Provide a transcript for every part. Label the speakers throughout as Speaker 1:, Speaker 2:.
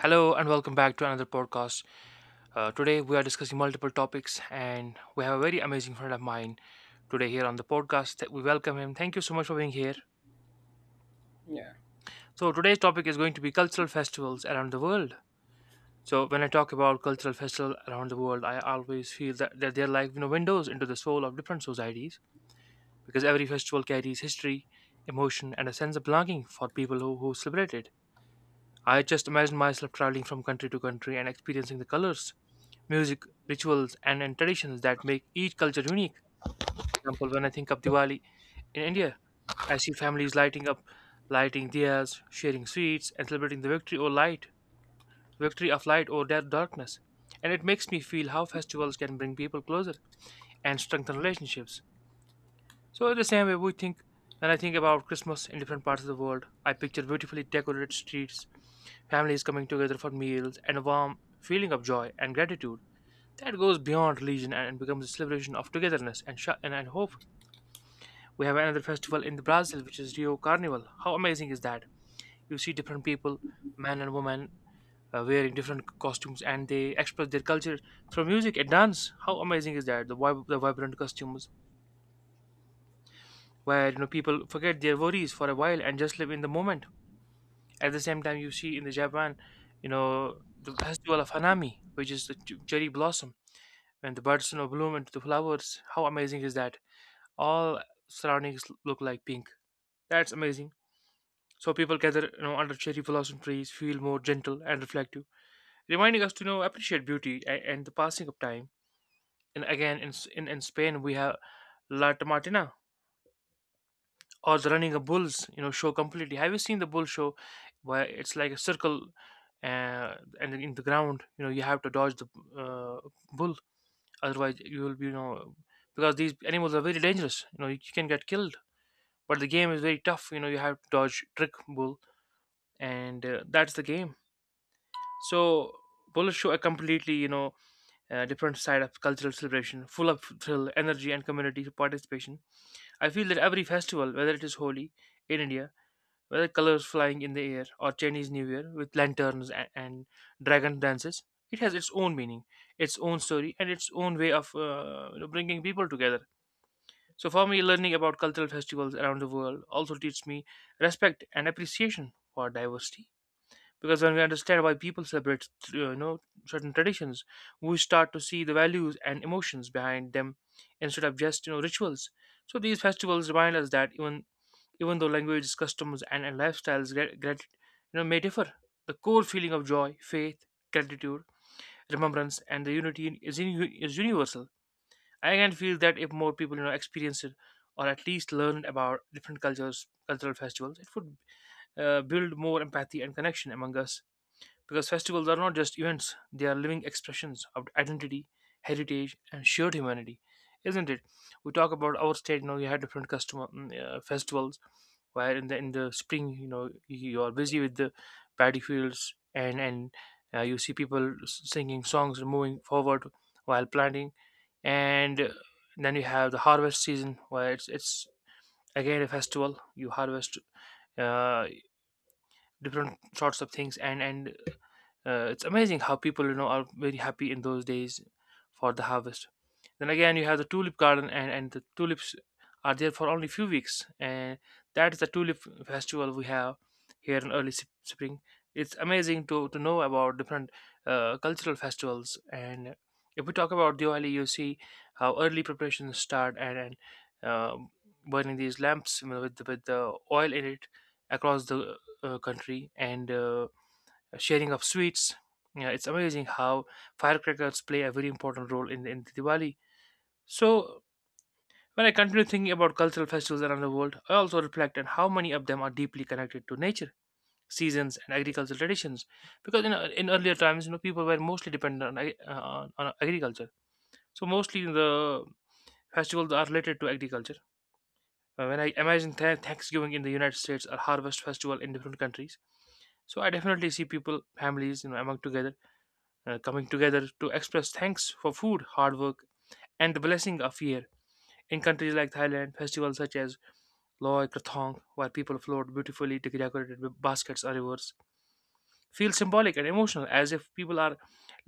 Speaker 1: Hello and welcome back to another podcast. Today we are discussing multiple topics, and we have a very amazing friend of mine today here on the podcast. We welcome him. Thank you so much for being here.
Speaker 2: Yeah,
Speaker 1: So today's topic is going to be cultural festivals around the world. So when I talk about cultural festivals around the world, I always feel that they're like you know windows into the soul of different societies because every festival carries history, emotion, and a sense of belonging for people who celebrate it. I just imagine myself traveling from country to country and experiencing the colors music, rituals, and traditions that make each culture unique. For example, when I think of Diwali in India, I see families lighting up, lighting diyas, sharing sweets, and celebrating the victory or light, victory of light or death darkness. And it makes me feel how festivals can bring people closer and strengthen relationships. So in the same way, we think when I think about Christmas in different parts of the world, I picture beautifully decorated streets, families coming together for meals, and a warm feeling of joy and gratitude that goes beyond religion and becomes a celebration of togetherness and, sh- and hope. We have another festival in Brazil, which is Rio Carnival. How amazing is that? You see different people, men and women, wearing different costumes, and they express their culture through music and dance. How amazing is that? The vibrant costumes, where you know people forget their worries for a while and just live in the moment. At the same time, you see in the Japan, you know, the festival of Hanami, which is the cherry blossom, when the buds you know bloom into the flowers. How amazing is that? All surroundings look like pink. That's amazing. So people gather, you know, under cherry blossom trees, feel more gentle and reflective, reminding us to you know appreciate beauty and the passing of time. And again, in, S- in Spain, we have La Tomatina or the running of bulls, you know, show completely. Have you seen the bull show where it's like a circle, uh, and in the ground, you know, you have to dodge the uh, bull, otherwise you will be, you know, because these animals are very dangerous. You know, you can get killed, but the game is very tough, you know, you have to dodge trick bull, and that's the game. So bullets show a completely, you know, different side of cultural celebration, full of thrill, energy, and community participation. I feel that every festival, whether it is Holi in India, whether colors flying in the air or Chinese New Year with lanterns and dragon dances, it has its own meaning, its own story, and its own way of you know, bringing people together. So for me, learning about cultural festivals around the world also teaches me respect and appreciation for diversity. Because when we understand why people celebrate, you know, certain traditions, we start to see the values and emotions behind them instead of just you know rituals. So these festivals remind us that even though languages, customs, and lifestyles you know may differ, the core feeling of joy, faith, gratitude, remembrance, and the unity is universal. I can feel that if more people, you know, experience it or at least learn about different cultures, cultural festivals, it would build more empathy and connection among us. Because festivals are not just events; they are living expressions of identity, heritage, and shared humanity, isn't it? We talk about our state. You know, we have different custom festivals, where in the spring you know you're busy with the paddy fields and you see people singing songs and moving forward while planting, and then you have the harvest season where it's again a festival. You harvest uh, different sorts of things, and it's amazing how people you know are very happy in those days for the harvest. Then again you have the tulip garden and the tulips are there for only few weeks, and that is the tulip festival we have here in early spring. It's amazing to know about different cultural festivals. And if we talk about Diwali, you see how early preparations start and um burning these lamps, you know, with, with the oil in it across the country, and sharing of sweets. Yeah, it's amazing how firecrackers play a very important role in Diwali. So, when I continue thinking about cultural festivals around the world, I also reflect on how many of them are deeply connected to nature, seasons, and agricultural traditions. Because in earlier times, you know, people were mostly dependent on agriculture. So, mostly the festivals are related to agriculture. When I imagine Thanksgiving in the United States or harvest festival in different countries, so I definitely see people, families, you know, among together coming together to express thanks for food, hard work, and the blessing of year. In countries like Thailand, festivals such as Loy Krathong, where people float beautifully decorated with baskets or rivers, feel symbolic and emotional, as if people are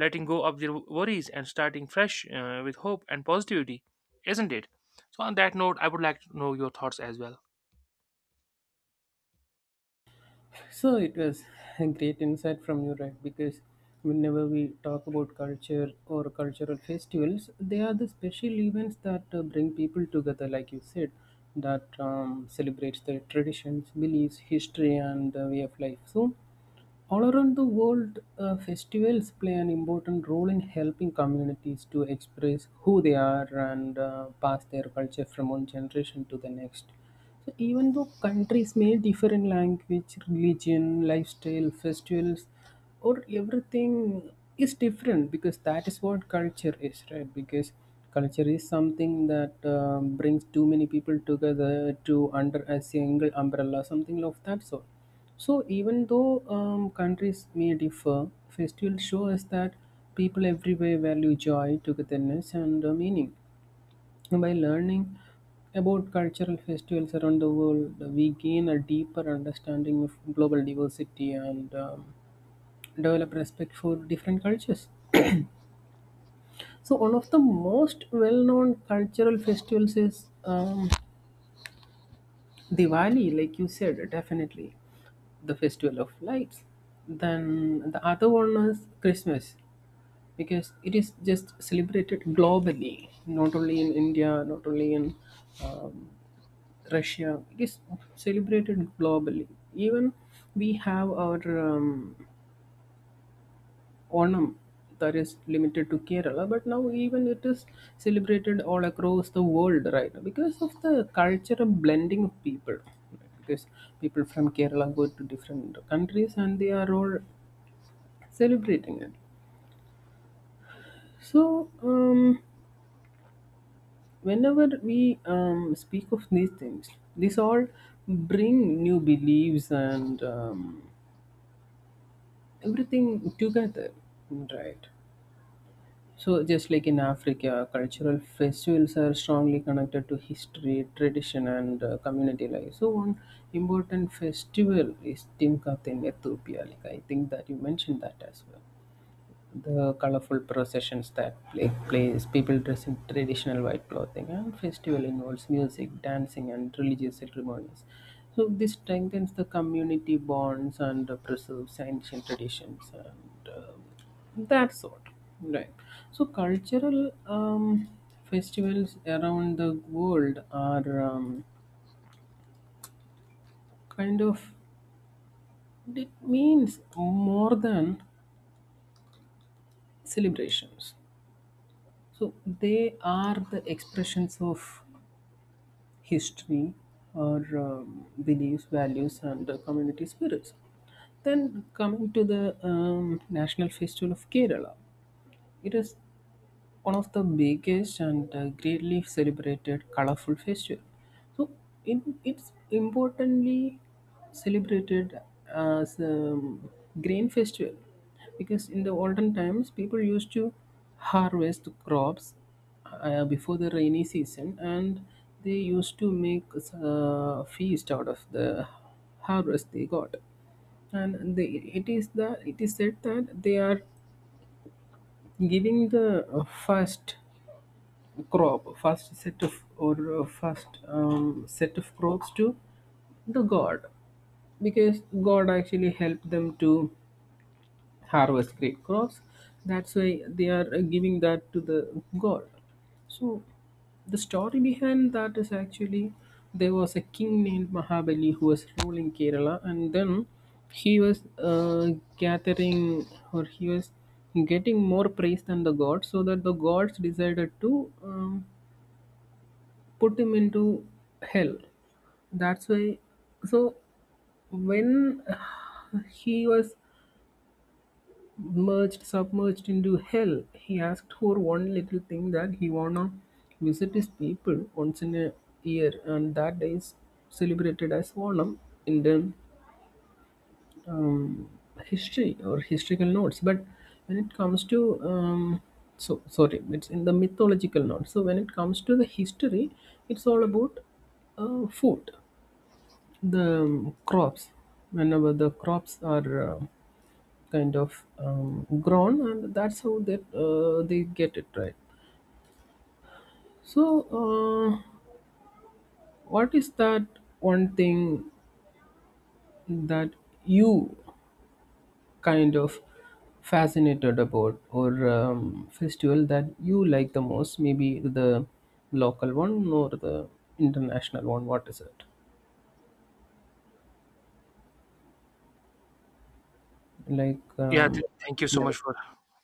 Speaker 1: letting go of their worries and starting fresh with hope and positivity, isn't it? So, on that note, I would like to know your thoughts as well.
Speaker 2: so it was a great insight from you, right? Because whenever we talk about culture or cultural festivals, they are the special events that bring people together, like you said, that celebrates their traditions, beliefs, history, and way of life. So all around the world, festivals play an important role in helping communities to express who they are and pass their culture from one generation to the next. So, even though countries may differ in language, religion, lifestyle, festivals or everything is different, because that is what culture is, right? Because culture is something that brings too many people together to under a single umbrella, something of that sort. So even though countries may differ, festivals show us that people everywhere value joy, togetherness, and meaning. And by learning about cultural festivals around the world, we gain a deeper understanding of global diversity and develop respect for different cultures. So one of the most well-known cultural festivals is Diwali, like you said, definitely the festival of lights. Then the other one is Christmas, because it is just celebrated globally, not only in India, not only in um, Russia. It is celebrated globally. Even we have our um, Onam, that is limited to Kerala, but now even it is celebrated all across the world, right? Now because of the cultural blending of people, right? Because people from Kerala go to different countries and they are all celebrating it. So, whenever we speak of these things, these all bring new beliefs and everything together, right? So, just like in Africa, cultural festivals are strongly connected to history, tradition, and community life. So, one important festival is Timkat in Ethiopia. Like I think that you mentioned that as well. The colorful processions that plays, people dress in traditional white clothing, and festival involves music, dancing, and religious ceremonies. So this strengthens the community bonds and preserves ancient traditions and that sort, right? So cultural festivals around the world are kind of, it means more than celebrations. So they are the expressions of history, or beliefs, values, and community spirits. Then coming to the National Festival of Kerala. It is one of the biggest and greatly celebrated colorful festival. So it's importantly celebrated as a grain festival, because in the olden times people used to harvest crops before the rainy season, and they used to make a feast out of the harvest they got. And they, it is that it is said that they are giving the first crop, first set of, or first set of crops to the god, because god actually helped them to harvest great crops. That's why they are giving that to the god. So the story behind that is actually there was a king named Mahabali who was ruling Kerala, and then he was gathering, or he was getting more praise than the gods, so that the gods decided to put him into hell. That's why, so when he was merged, submerged into hell. He asked for one little thing, that he wanna visit his people once in a year, and that day is celebrated as Onam in the um, history or historical notes. But when it comes to so sorry, it's in the mythological notes. So when it comes to the history, it's all about food, the crops, whenever the crops are kind of grown, and that's how they get it, right? So uh, what is that one thing that you kind of fascinated about, or festival that you like the most? Maybe the local one or the international one, what is it like?
Speaker 1: Yeah, th- thank you so
Speaker 2: Yeah,
Speaker 1: much for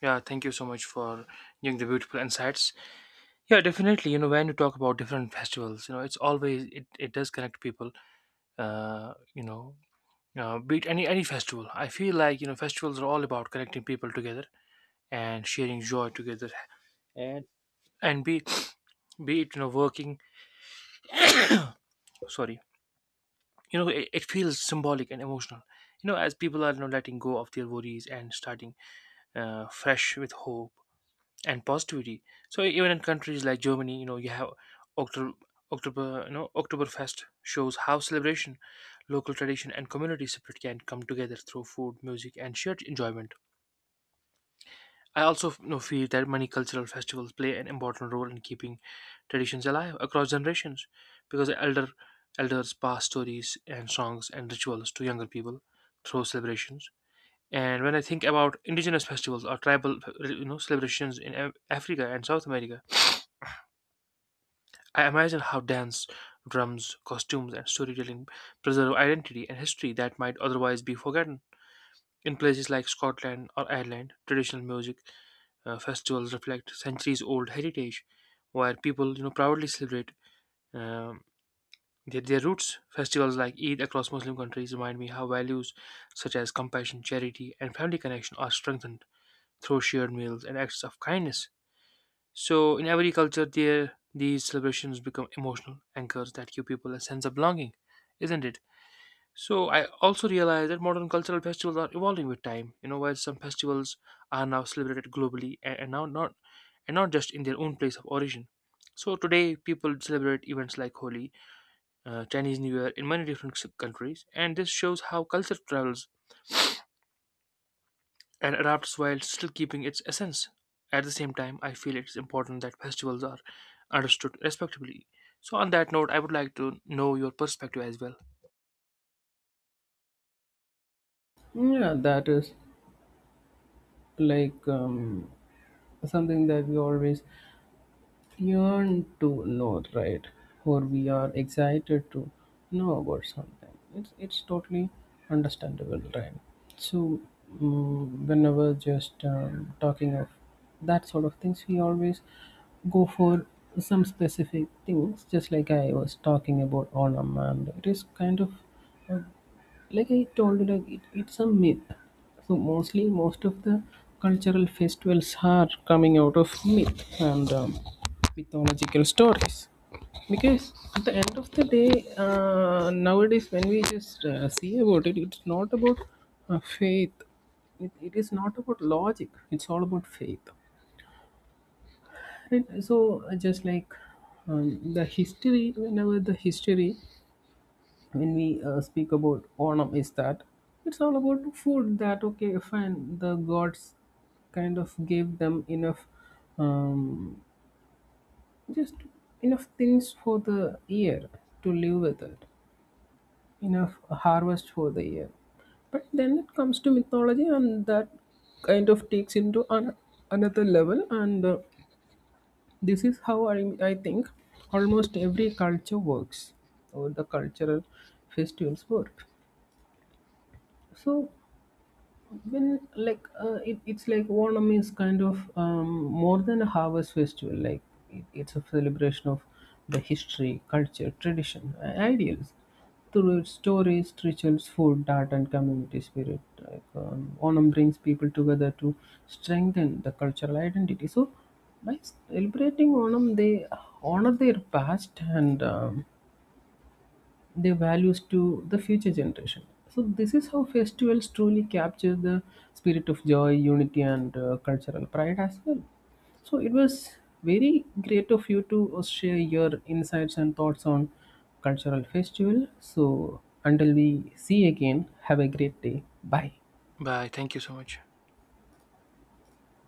Speaker 1: yeah, thank you so much for giving the beautiful insights. Yeah, definitely. You know, when you talk about different festivals, you know, it's always it does connect people. Uh, you know, be it any festival. I feel like you know festivals are all about connecting people together and sharing joy together, and and be be it you know working. Sorry, you know, it feels symbolic and emotional. You know, as people are you know letting go of their worries and starting fresh with hope and positivity. So even in countries like Germany, you know, you have October, October, you know, Oktoberfest shows how celebration, local tradition, and community spirit can come together through food, music, and shared enjoyment. I also you know, feel that many cultural festivals play an important role in keeping traditions alive across generations, because elders pass stories and songs and rituals to younger people through celebrations. And when I think about indigenous festivals or tribal, you know, celebrations in Africa and South America, I imagine how dance, drums, costumes, and storytelling preserve identity and history that might otherwise be forgotten. In places like Scotland or Ireland, traditional music festivals reflect centuries-old heritage, where people, you know, proudly celebrate um, their roots. Festivals like Eid across Muslim countries remind me how values such as compassion, charity, and family connection are strengthened through shared meals and acts of kindness. So, in every culture, there these celebrations become emotional anchors that give people a sense of belonging, isn't it? So, I also realize that modern cultural festivals are evolving with time. You know, while some festivals are now celebrated globally and not just in their own place of origin. So today, people celebrate events like Holi, Chinese New Year in many different countries, and this shows how culture travels and adapts while still keeping its essence. At the same time, I feel it's important that festivals are understood respectably. So, on that note, I would like to know your perspective as well.
Speaker 2: yeah, that is like something that we always yearn to know, right? Or we are excited to know about something. It's totally understandable, right? So whenever just talking of that sort of things, we always go for some specific things. Just like I was talking about Onam, and it is kind of, like I told you, like it's a myth. So mostly, most of the cultural festivals are coming out of myth and mythological stories. Because at the end of the day, nowadays when we just see about it, it's not about faith. It is not about logic. It's all about faith. Right? So just like the history, whenever the history, when we speak about Onam, is that it's all about food. That okay fine, the gods kind of gave them enough um, just enough things for the year to live with it, enough harvest for the year. But then it comes to mythology, and that kind of takes into an, another level, and this is how I think almost every culture works, or the cultural festivals work. So well, like it's like Onam is kind of more than a harvest festival, like it's a celebration of the history, culture, tradition, and ideals through its stories, rituals, food, art, and community spirit. Like, Onam brings people together to strengthen the cultural identity. So by celebrating Onam, they honor their past and their values to the future generation. So this is how festivals truly capture the spirit of joy, unity, and cultural pride as well. So it was very great of you to share your insights and thoughts on cultural festival. So until we see again, have a great day. Bye.
Speaker 1: Bye. Thank you so much.